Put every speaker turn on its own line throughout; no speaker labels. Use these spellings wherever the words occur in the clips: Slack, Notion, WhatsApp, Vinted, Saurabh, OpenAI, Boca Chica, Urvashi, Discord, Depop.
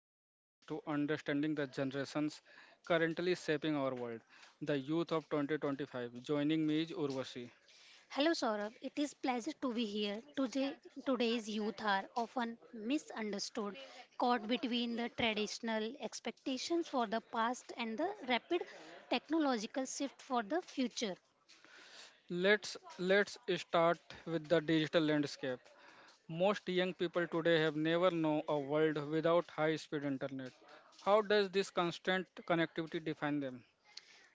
our sessions to understanding the generations currently shaping our world, the youth of 2025. Joining me is Urvashi.
Hello Saurabh, it is pleasure to be here. Today's youth are often misunderstood, caught between the traditional expectations for the past and the rapid technological shift for the future.
Let's start with the digital landscape. Most young people today have never known a world without high-speed internet. How does this constant connectivity define them?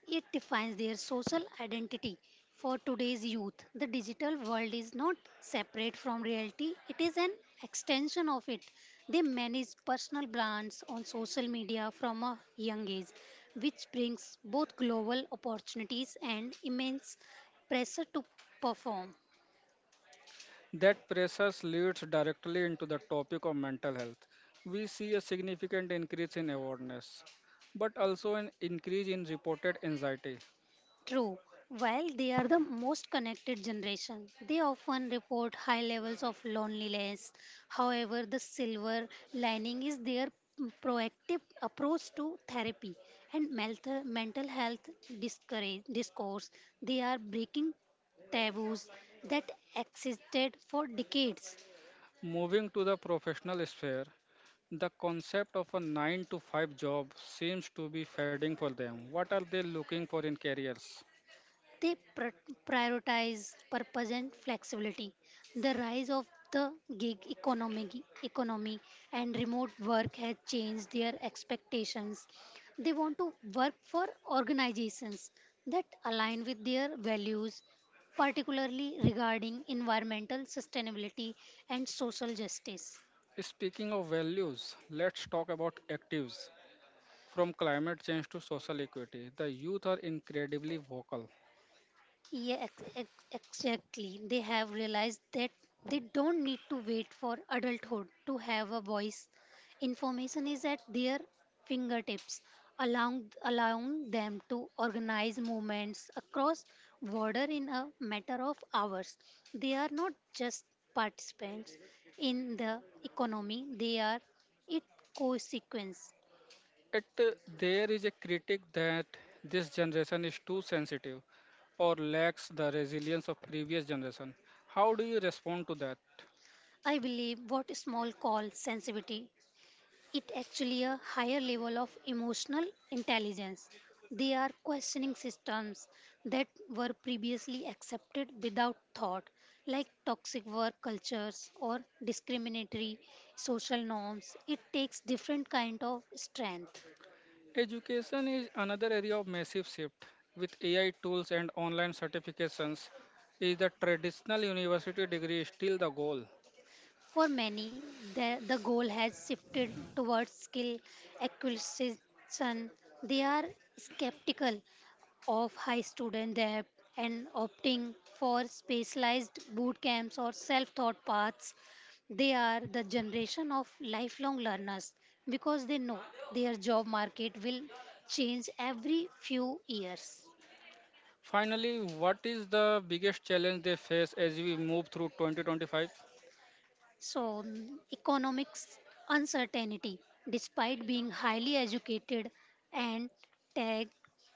It defines their social identity. For today's youth, the digital world is not separate from reality, it is an extension of it. They manage personal brands on social media from a young age, which brings both global opportunities and immense pressure to perform.
That process leads directly into the topic of mental health. We see a significant increase in awareness, but also an increase in reported anxiety.
True. While they are the most connected generation, they often report high levels of loneliness. However, the silver lining is their proactive approach to therapy and mental health discourse. They are breaking taboos that existed for decades.
Moving to the professional sphere, the concept of a 9 to 5 job seems to be fading for them. What are they looking for in careers?
They prioritize purpose and flexibility. The rise of the gig economy and remote work has changed their expectations. They want to work for organizations that align with their values, particularly regarding environmental sustainability and social justice.
Speaking of values, let's talk about actives. From climate change to social equity, the youth are incredibly vocal.
Yeah, exactly. They have realized that they don't need to wait for adulthood to have a voice. Information is at their fingertips, allowing them to organize movements across border in a matter of hours. They are not just participants in the economy, they are its consequence.
It, uh, there is a critic that this generation is too sensitive or lacks the resilience of previous generation. How do you respond to that?
I believe what small call sensitivity it actually a higher level of emotional intelligence. They are questioning systems that were previously accepted without thought, like toxic work cultures or discriminatory social norms. It takes different kind of strength.
Education is another area of massive shift. With AI tools and online certifications, is the traditional university degree still the goal?
For many, the goal has shifted towards skill acquisition. They are skeptical of high student debt and opting for specialized boot camps or self taught paths. They are the generation of lifelong learners because they know their job market will change every few years.
Finally, what is the biggest challenge they face as we move through 2025?
Economics uncertainty. Despite being highly educated and tech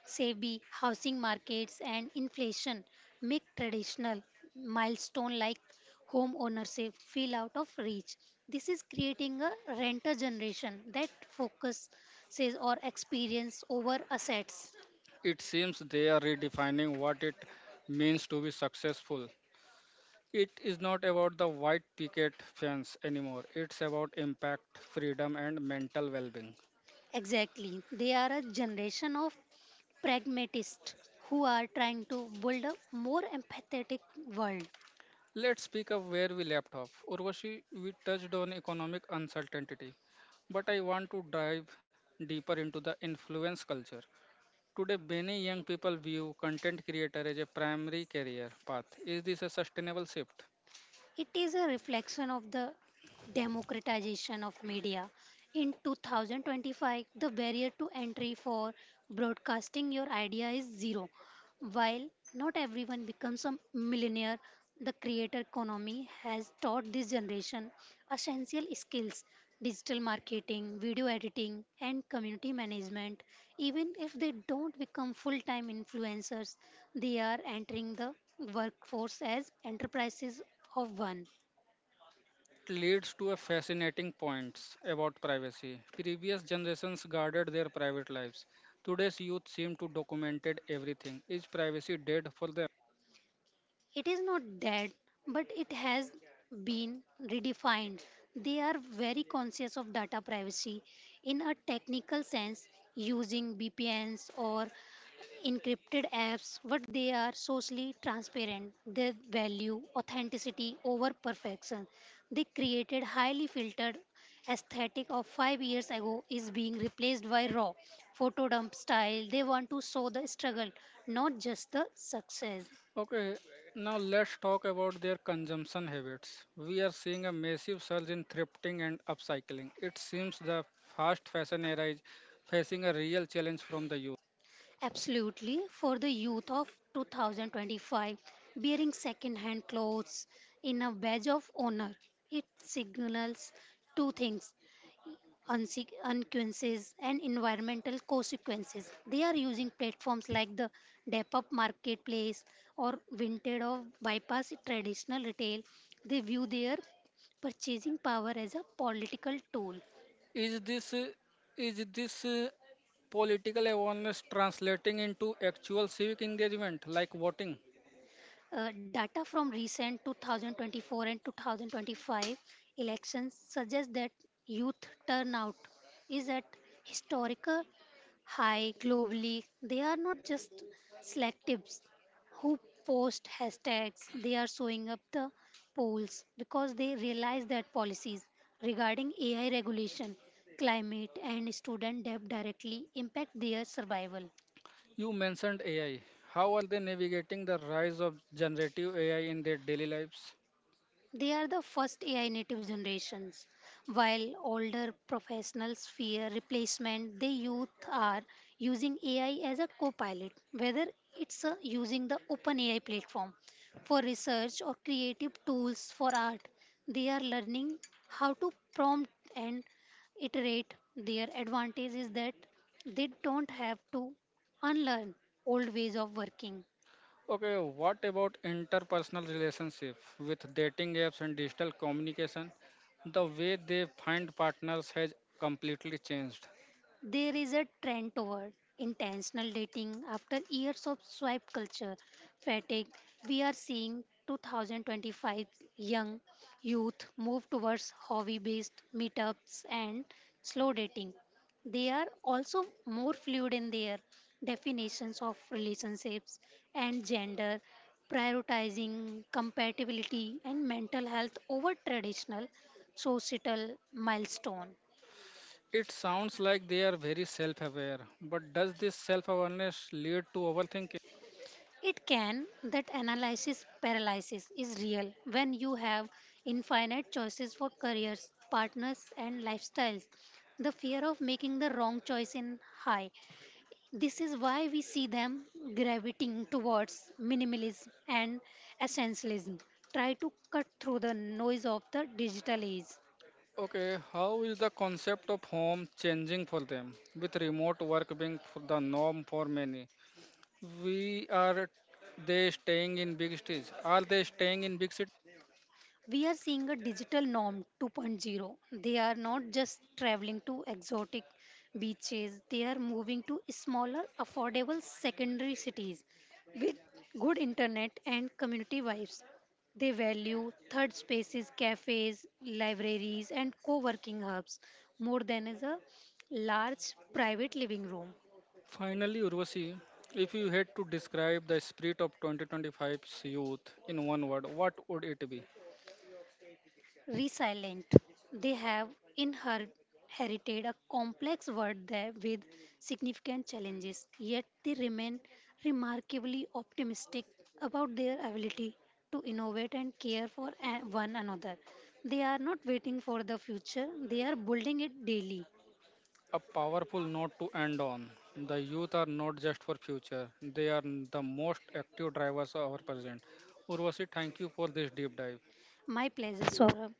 savvy, housing markets and inflation make traditional milestone like home ownership feel out of reach. This is creating a renter generation that focuses or experience over assets.
It seems they are redefining what it means to be successful. It is not about the white picket fence anymore. It's about impact, freedom, and mental well being.
Exactly. They are a generation of pragmatists who are trying to build a more empathetic world.
Let's pick up where we left off. Urvashi, we touched on economic uncertainty, but I want to dive deeper into the influence culture. Today, many young people view content creator as a primary career path. Is this a sustainable shift?
It is a reflection of the democratization of media. In 2025, the barrier to entry for broadcasting your idea is zero. While not everyone becomes a millionaire, the creator economy has taught this generation essential skills: digital marketing, video editing, and community management. Even if they don't become full time influencers, they are entering the workforce as enterprises of one.
That leads to a fascinating point about privacy. Previous generations guarded their private lives. Today's youth seem to documented everything. Is privacy dead for them?
It is not dead, but it has been redefined. They are very conscious of data privacy in a technical sense, using VPNs or encrypted apps, but they are socially transparent. They value authenticity over perfection. They created highly filtered aesthetic of 5 years ago is being replaced by raw photo dump style. They want to show the struggle, not just the success.
Okay, now let's talk about their consumption habits. We are seeing a massive surge in thrifting and upcycling. It seems the fast fashion era is facing a real challenge from the youth.
Absolutely. For the youth of 2025, wearing second-hand clothes in a badge of honor, it signals two things: unquences and environmental consequences. They are using platforms like the Depop Marketplace or Vinted or bypass traditional retail. They view their purchasing power as a political tool.
Is this uh, is this political awareness translating into actual civic engagement like voting?
Data from recent 2024 and 2025 elections suggest that youth turnout is at historical high globally. They are not just selectives who post hashtags, they are showing up the polls because they realize that policies regarding AI regulation, climate, and student debt directly impact their survival.
You mentioned AI. How are they navigating the rise of generative AI in their daily lives?
They are the first AI native generations. While older professionals fear replacement, the youth are using AI as a co pilot, whether it's using the OpenAI platform for research or creative tools for art. They are learning how to prompt and iterate. Their advantage is that they don't have to unlearn old ways of working.
Okay, what about interpersonal relationship with dating apps and digital communication? The way they find partners has completely changed.
There is a trend toward intentional dating after years of swipe culture fatigue. We are seeing 2025 young youth move towards hobby based meetups and slow dating. They are also more fluid in their definitions of relationships and gender, prioritizing compatibility and mental health over traditional societal milestone.
It sounds like they are very self-aware, but does this self-awareness lead to overthinking?
It can, that analysis paralysis is real when you have infinite choices for careers, partners, and lifestyles. The fear of making the wrong choice in high. This is why we see them gravitating towards minimalism and essentialism. Try to cut through the noise of the digital age.
Okay, how is the concept of home changing for them with remote work being for the norm for many? We are They staying in big cities? Are they staying in big cities?
We are seeing a digital norm 2.0. They are not just traveling to exotic beaches, they are moving to smaller, affordable secondary cities with good internet and community vibes. They value third spaces, cafes, libraries, and co working hubs more than as a large private living room.
Finally, Urvashi, if you had to describe the spirit of 2025's youth in one word, what would it be?
Resilient. They have inherited a complex world there with significant challenges, yet they remain remarkably optimistic about their ability to innovate and care for one another. They are not waiting for the future, they are building it daily.
A powerful note to end on. The youth are not just for future; they are the most active drivers of our present. Urvashi, thank you for this deep dive.
My pleasure, Saurabh.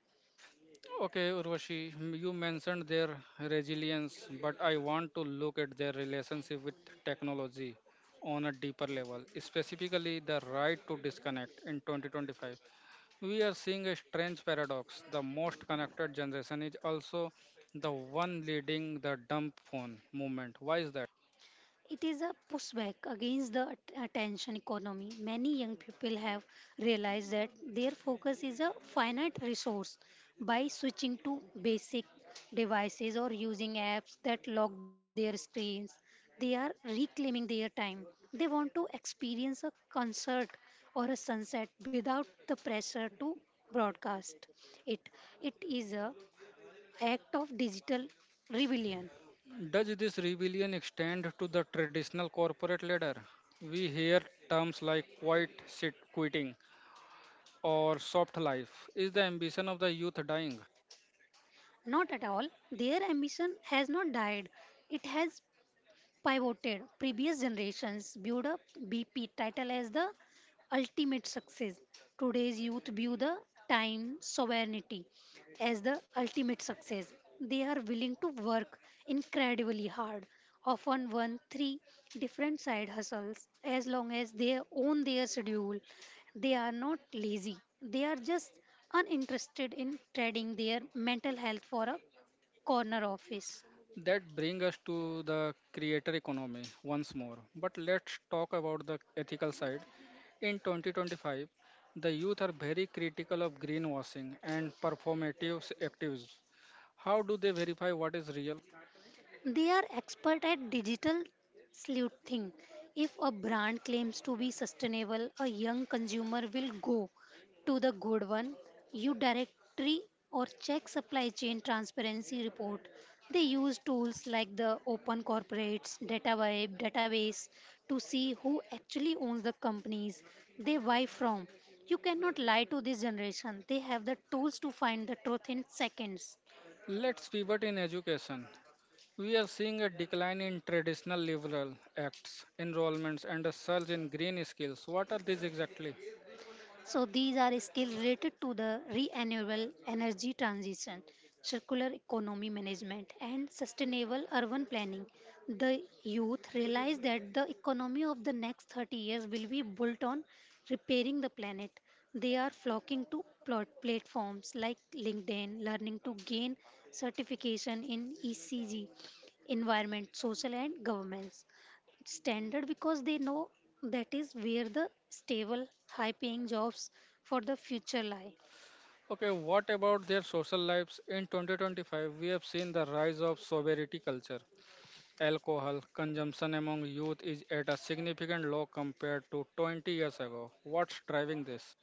Okay, Urvashi, you mentioned their resilience, but I want to look at their relationship with technology on a deeper level, specifically the right to disconnect in 2025. We are seeing a strange paradox. The most connected generation is also the one leading the dumb phone movement. Why is that?
It is a pushback against the attention economy. Many young people have realized that their focus is a finite resource. By switching to basic devices or using apps that lock their screens, they are reclaiming their time. They want to experience a concert or a sunset without the pressure to broadcast it. It is a act of digital rebellion.
Does this rebellion extend to the traditional corporate ladder? We hear terms like quiet sit quitting or soft life is the ambition of the youth dying.
Not at all. Their ambition has not died. It has pivoted. Previous generations viewed a BP title as the ultimate success. Today's youth view the time sovereignty as the ultimate success. They are willing to work incredibly hard, often one, three different side hustles as long as they own their schedule. They are not lazy, they are just uninterested in trading their mental health for a corner office.
That brings us to the creator economy once more, but let's talk about the ethical side. In 2025, the youth are very critical of greenwashing and activism. How do they verify what is real?
They are expert at digital sleuthing. If a brand claims to be sustainable, a young consumer will go to the good one, you directory or check supply chain transparency report. They use tools like the Open Corporates database to see who actually owns the companies they buy from. You cannot lie to this generation. They have the tools to find the truth in seconds.
Let's pivot in education. We are seeing a decline in traditional liberal acts enrollments and a surge in green skills. What are these exactly?
So these are skills related to the renewable energy transition, circular economy management, and sustainable urban planning. The youth realize that the economy of the next 30 years will be built on repairing the planet. They are flocking to plot platforms like LinkedIn, learning to gain certification in ECG, environment, social, and governance standard because they know that is where the stable, high paying jobs for the future lie.
Okay, what about their social lives? In 2025, we have seen the rise of sobriety culture. Alcohol consumption among youth is at a significant low compared to 20 years ago. What's driving this?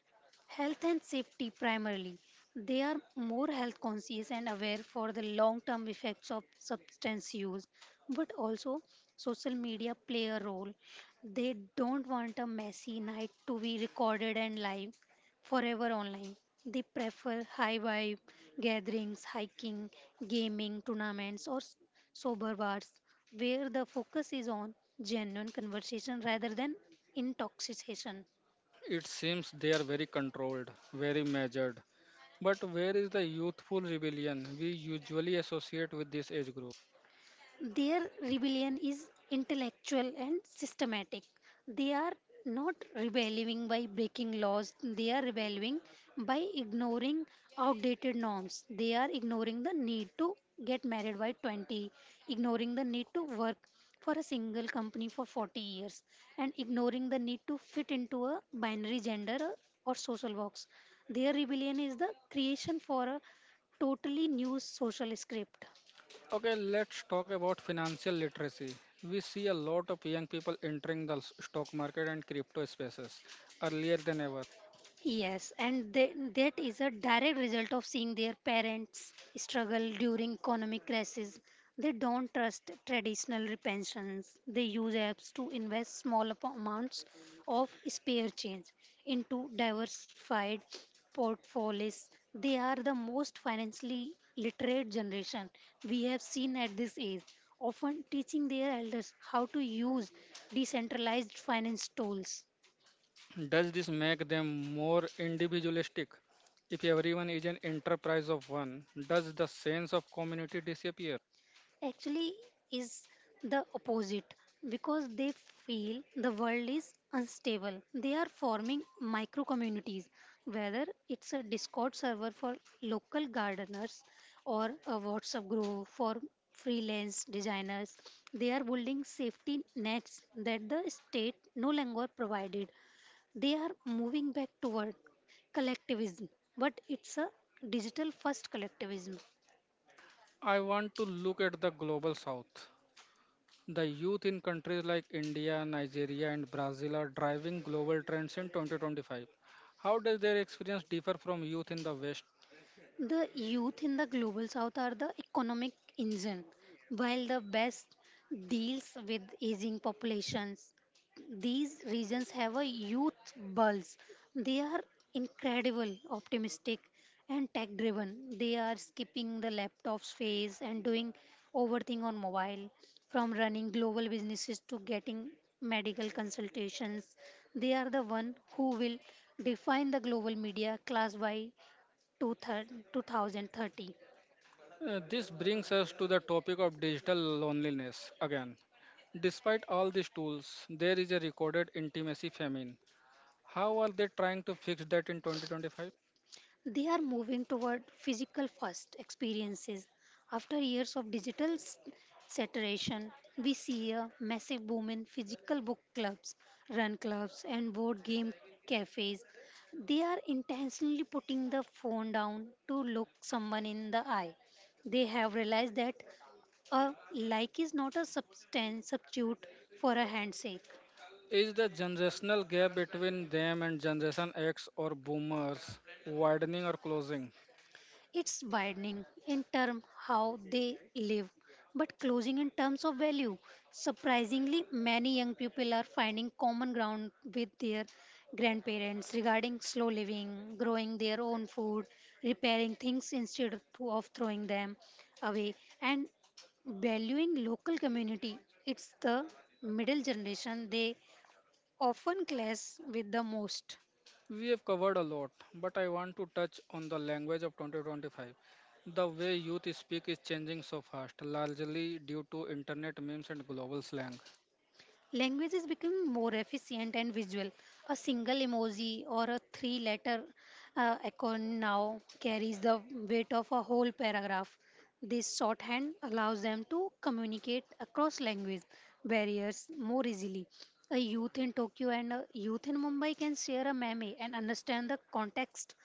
Health and safety primarily. They are more health conscious and aware for the long term effects of substance use, but also social media play a role. They don't want a messy night to be recorded and live forever online. They prefer high vibe gatherings, hiking, gaming, tournaments, or sober bars where the focus is on genuine conversation rather than intoxication.
It seems they are very controlled, very measured. But where is the youthful rebellion we usually associate with this age group?
Their rebellion is intellectual and systematic. They are not rebelling by breaking laws, they are rebelling by ignoring outdated norms. They are ignoring the need to get married by 20, ignoring the need to work for a single company for 40 years, and ignoring the need to fit into a binary gender or social box. Their rebellion is the creation for a totally new social script.
Okay, let's talk about financial literacy. We see a lot of young people entering the stock market and crypto spaces earlier than ever.
Yes, and they, that is a direct result of seeing their parents struggle during economic crisis. They don't trust traditional pensions. They use apps to invest small amounts of spare change into diversified portfolios. They are the most financially literate generation we have seen at this age, often teaching their elders how to use decentralized finance tools.
Does this make them more individualistic? If everyone is an enterprise of one, does the sense of community disappear?
Actually is the opposite because they feel the world is unstable. They are forming micro communities, whether it's a Discord server for local gardeners or a WhatsApp group for freelance designers. They are building safety nets that the state no longer provided. They are moving back toward collectivism, but it's a digital first collectivism.
I want to look at the global south. The youth in countries like India, Nigeria, and Brazil are driving global trends in 2025. How does their experience differ from youth in the West?
The youth in the global south are the economic engine, while the west deals with aging populations. These regions have a youth bulge. They are incredible, optimistic, and tech driven. They are skipping the laptops phase and doing overthing on mobile, from running global businesses to getting medical consultations. They are the one who will define the global media class by to thir- 2030.
This brings us to the topic of digital loneliness again. Despite all these tools, there is a recorded intimacy famine. How are they trying to fix that in 2025?
They are moving toward physical first experiences. After years of digital saturation, we see a massive boom in physical book clubs, run clubs, and board game cafes. They are intentionally putting the phone down to look someone in the eye. They have realized that a like is not a substitute for a handshake.
Is the generational gap between them and Generation X or boomers widening or closing?
It's widening in terms how they live, but closing in terms of value. Surprisingly, many young people are finding common ground with their grandparents regarding slow living, growing their own food, repairing things instead of throwing them away, and valuing local community. It's the middle generation they often clash with the most.
We have covered a lot, but I want to touch on the language of 2025. The way youth speak is changing so fast, largely due to internet memes and global slang.
Languages become more efficient and visual. A single emoji or a three letter icon now carries the weight of a whole paragraph. This shorthand allows them to communicate across language barriers more easily. A youth in Tokyo and a youth in Mumbai can share a meme and understand the context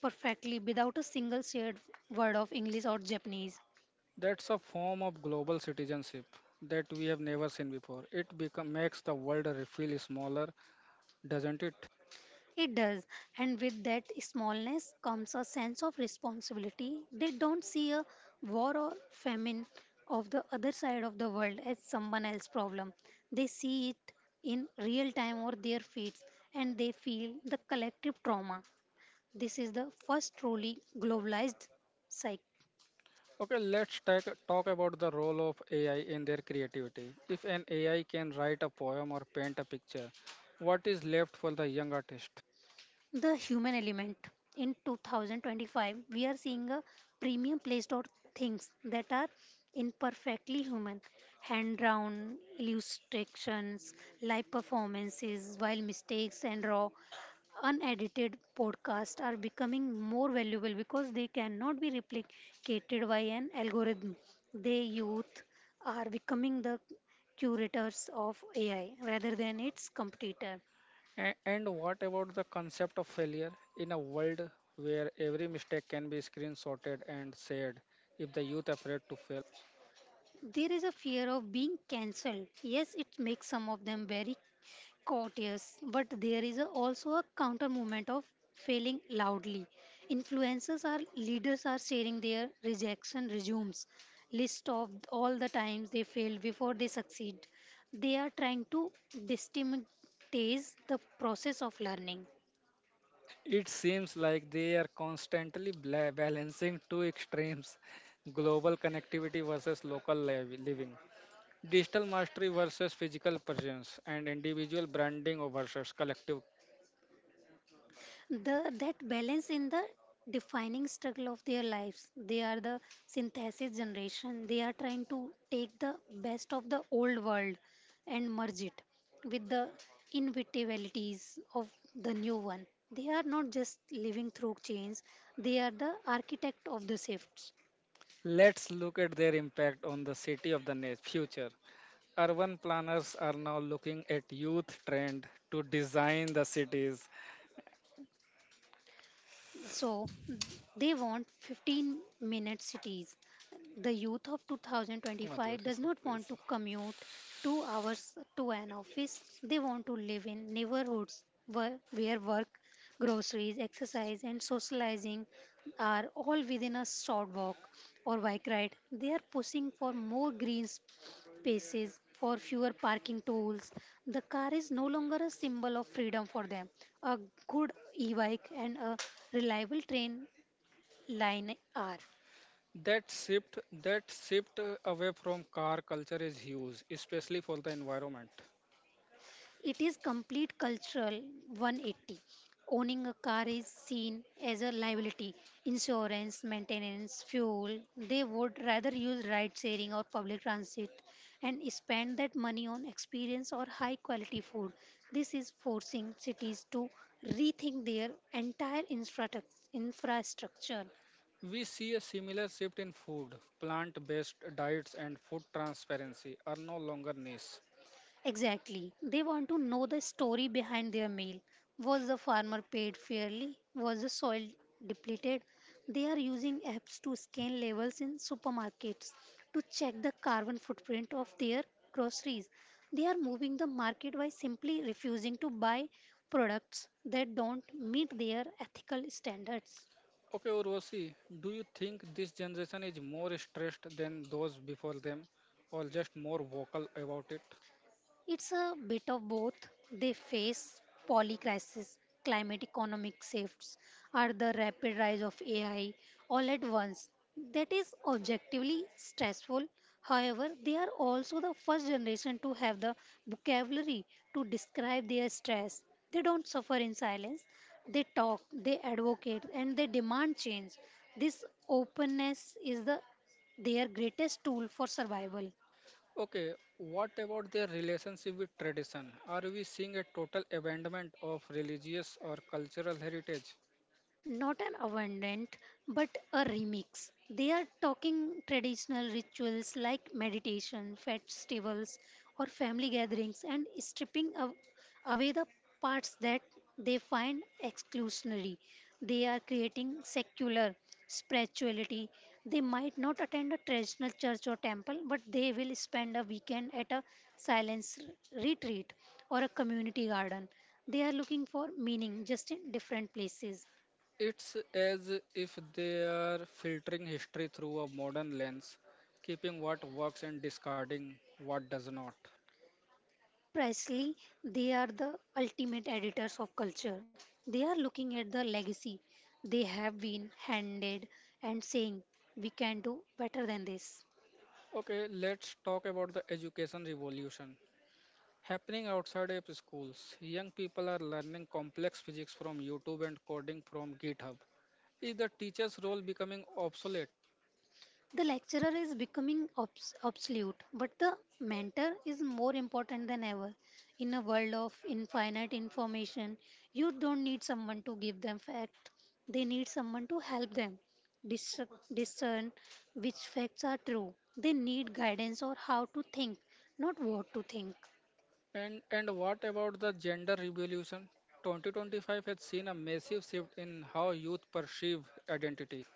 perfectly without a single shared word of English or Japanese.
That's a form of global citizenship that we have never seen before. Makes the world feel smaller, doesn't it?
It does, and with that smallness comes a sense of responsibility. They don't see a war or famine of the other side of the world as someone else's problem. They see it in real time or their feet, and they feel the collective trauma. This is the first truly globalized cycle.
Okay, talk about the role of AI in their creativity. If an AI can write a poem or paint a picture, what is left for the young artist?
The human element. In 2025, we are seeing a premium placed on things that are imperfectly human. Hand drawn illustrations, live performances, while mistakes and raw, unedited podcasts are becoming more valuable because they cannot be replicated by an algorithm. They youth are becoming the curators of AI rather than its competitor.
And what about the concept of failure in a world where every mistake can be screenshotted and shared? If the youth afraid to fail,
There is a fear of being cancelled. Yes, it makes some of them very courteous, but also a counter movement of failing loudly. Influencers are leaders are sharing their rejection resumes, list of all the times they failed before they succeed. They are trying to destigmatize the process of learning.
it seems like they are constantly balancing two extremes: global connectivity versus living, digital mastery versus physical presence, and individual branding versus collective.
The that balance in the defining struggle of their lives, they are the synthesis generation. They are trying to take the best of the old world and merge it with the inevitabilities of the new one. They are not just living through change, they are the architect of the shifts.
Let's look at their impact on the city of the future. Urban planners are now looking at youth trend to design the cities.
So they want 15-minute cities. The youth of
मत
2025
करिए
does
sir,
not want
please,
to commute 2 hours to an office. They want to live in neighborhoods where work, groceries, exercise and socializing are all within a short walk or bike ride. They are pushing for more green spaces, for fewer parking tolls. The car is no longer a symbol of freedom for them. A good e bike and a reliable train line are.
that shift that shift away from car culture is huge, especially for the environment.
It is complete cultural 180. Owning a car is seen as a liability, insurance, maintenance, fuel. They would rather use ride sharing or public transit and spend that money on experience or high quality food. This is forcing cities to rethink their entire infrastructure.
We see a similar shift in food. Plant based diets and food transparency are no longer niche.
Exactly. They want to know the story behind their meal. Was the farmer paid fairly? Was the soil depleted? They are using apps to scan labels in supermarkets to check the carbon footprint of their groceries. They are moving the market by simply refusing to buy products that don't meet their ethical standards.
Okay, Urvashi, do you think this generation is more stressed than those before them, or just more vocal about it?
It's a bit of both. They face polycrisis, climate economic shifts, or the rapid rise of AI all at once. That is objectively stressful. However, they are also the first generation to have the vocabulary to describe their stress. They don't suffer in silence. They talk, they advocate, and they demand change. This openness is the their greatest tool for survival.
Okay, what about their relationship with tradition? Are we seeing a total abandonment of religious or cultural heritage?
Not an abandoned but a remix. They are talking traditional rituals like meditation, festivals, or family gatherings and stripping away the parts that they find exclusionary. They are creating secular spirituality. They might not attend a traditional church or temple, but they will spend a weekend at a silence retreat or a community garden. They are looking for meaning just in different places.
It's as if they are filtering history through a modern lens, keeping what works and discarding what does not.
Precisely, they are the ultimate editors of culture. They are looking at the legacy they have been handed and saying, we can do better than this.
Okay, let's talk about the education revolution. Happening outside of schools, young people are learning complex physics from YouTube and coding from GitHub. Is the teacher's role becoming obsolete?
The lecturer is becoming obsolete, but the mentor is more important than ever. In a world of infinite information, you don't need someone to give them facts, they need someone to help them dis- discern which facts are true. They need guidance or how to think, not what to think.
And what about the gender revolution? 2025 has seen a massive shift in how youth perceive identity.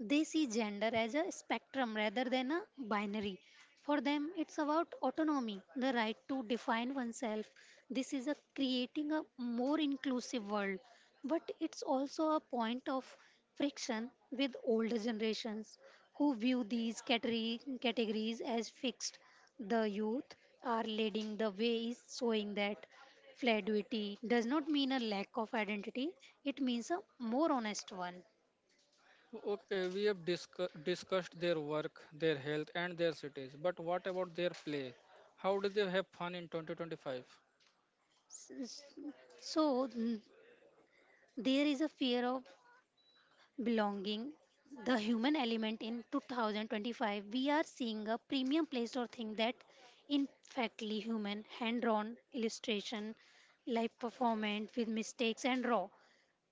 They see gender as a spectrum rather than a binary. For them, it's about autonomy, the right to define oneself. This is a creating a more inclusive world, but it's also a point of friction with older generations who view these categories as fixed. The youth are leading the way, is showing that fluidity does not mean a lack of identity, it means a more honest one.
Okay, we have discussed their work, their health, and their cities, but what about their play? How do they have fun in 2025?
S- So, there is a fear of belonging, the human element in 2025. We are seeing a premium placed or thing that in factly human, hand-drawn illustration, live performance with mistakes and raw,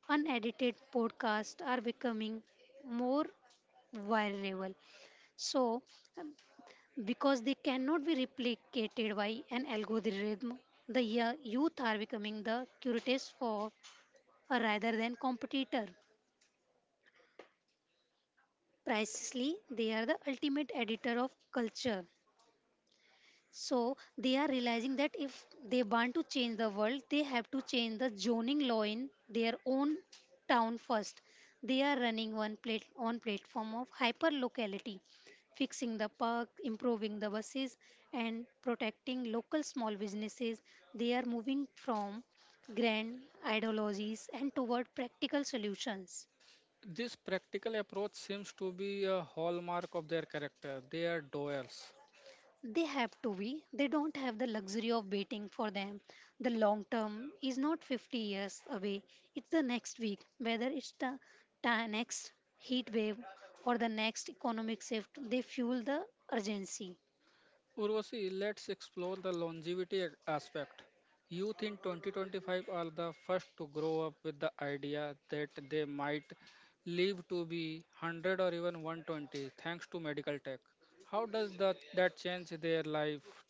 unedited podcasts are becoming more viral. So because they cannot be replicated by an algorithm, the youth are becoming the curious for rather than competitor. Precisely, they are the ultimate editor of culture. So they are realizing that if they want to change the world, they have to change the zoning law in their own town first. They are running one plate on platform of hyper locality, fixing the park, improving the buses, and protecting local small businesses. They are moving from grand ideologies and toward practical solutions.
This practical approach seems to be a hallmark of their character. They are doers.
They have to be. They don't have the luxury of waiting for them. The long term is not 50 years away, it's the next week. Whether it's the next heat wave or the next economic shift, they fuel the urgency.
Urvashi, let's explore the longevity aspect. Youth in 2025 are the first to grow up with the idea that they might live to be 100 or even 120 thanks to medical tech. How does that change their life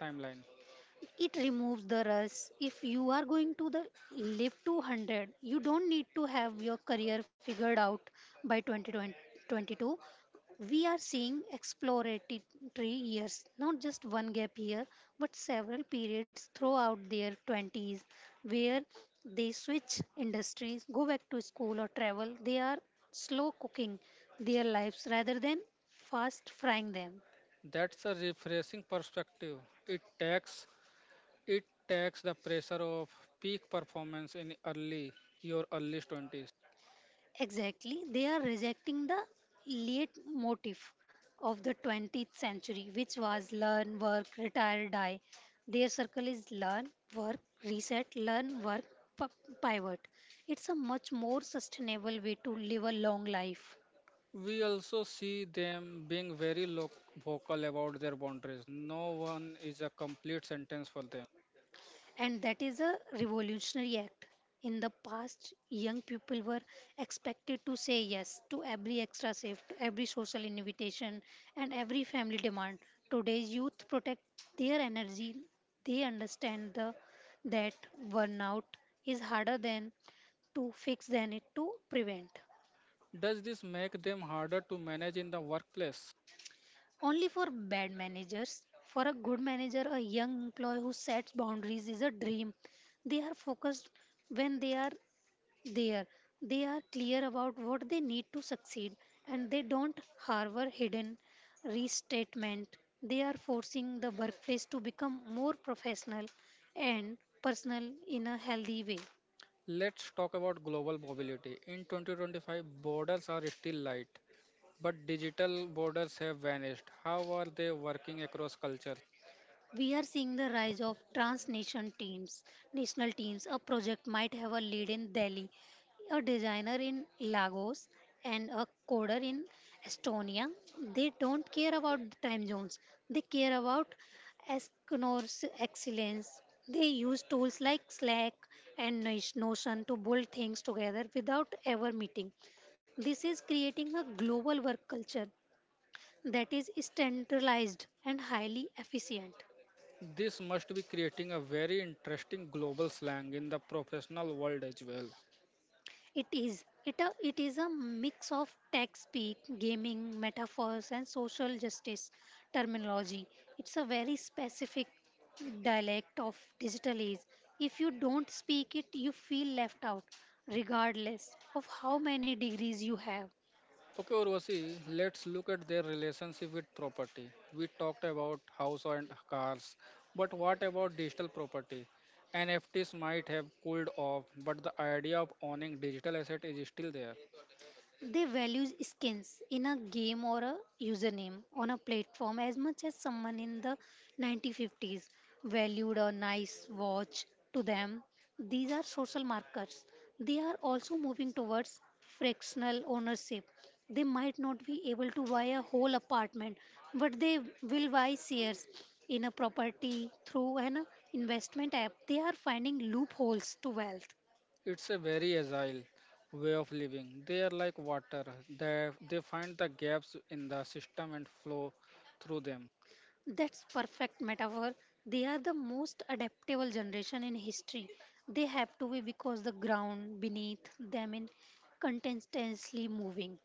timeline?
It removes the rush. If you are going to the live 100, you don't need to have your career figured out by 2022. We are seeing exploratory years, not just one gap year, but several periods throughout their 20s where they switch industries, go back to school or travel. They are slow cooking their lives rather than fast frying them.
That's a refreshing perspective. It takes it takes the pressure of peak performance in early your early 20s.
Exactly, they are rejecting the late motif of the 20th century, which was learn, work, retire, die. Their circle is learn, work, reset, learn, work, p- pivot. It's a much more sustainable way to live a long life.
We also see them being very vocal about their boundaries. No one is a complete sentence for them.
And that is a revolutionary act. In the past, young people were expected to say yes to every extra shift, every social invitation, and every family demand. Today's youth protect their energy. They understand the, that burnout is harder than to fix than it to prevent.
Does this make them harder to manage in the workplace?
Only for bad managers. For a good manager, a young employee who sets boundaries is a dream. They are focused when they are there, they are clear about what they need to succeed, and they don't harbor hidden restatement. They are forcing the workplace to become more professional and personal in a healthy way.
Let's talk about global mobility. In 2025, borders are still light, but digital borders have vanished. How are they working across cultures?
We are seeing the rise of transnational teams, national teams. A project might have a lead in Delhi, a designer in Lagos, and a coder in Estonia. They don't care about the time zones. They care about Esquinor's excellence. They use tools like Slack and Notion to build things together without ever meeting. This is creating a global work culture that is standardized and highly efficient.
This must be creating a very interesting global slang in the professional world as well.
It is. It is a mix of tech speak, gaming, metaphors, and social justice terminology. It's a very specific dialect of digital age. If you don't speak it, you feel left out, regardless of how many degrees you have.
Okay, Urvashi, let's look at their relationship with property. We talked about house and cars, but what about digital property? NFTs might have cooled off, but the idea of owning digital asset is still there.
They value skins in a game or a username on a platform as much as someone in the 1950s valued a nice watch to them. These are social markers. They are also moving towards fractional ownership. They might not be able to buy a whole apartment, but they will buy shares in a property through an investment app. They are finding loopholes to wealth.
It's a very agile way of living. They are like water. They find the gaps in the system and flow through them.
That's perfect metaphor. They are the most adaptable generation in history. They have to be because the ground beneath them is continuously moving.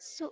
So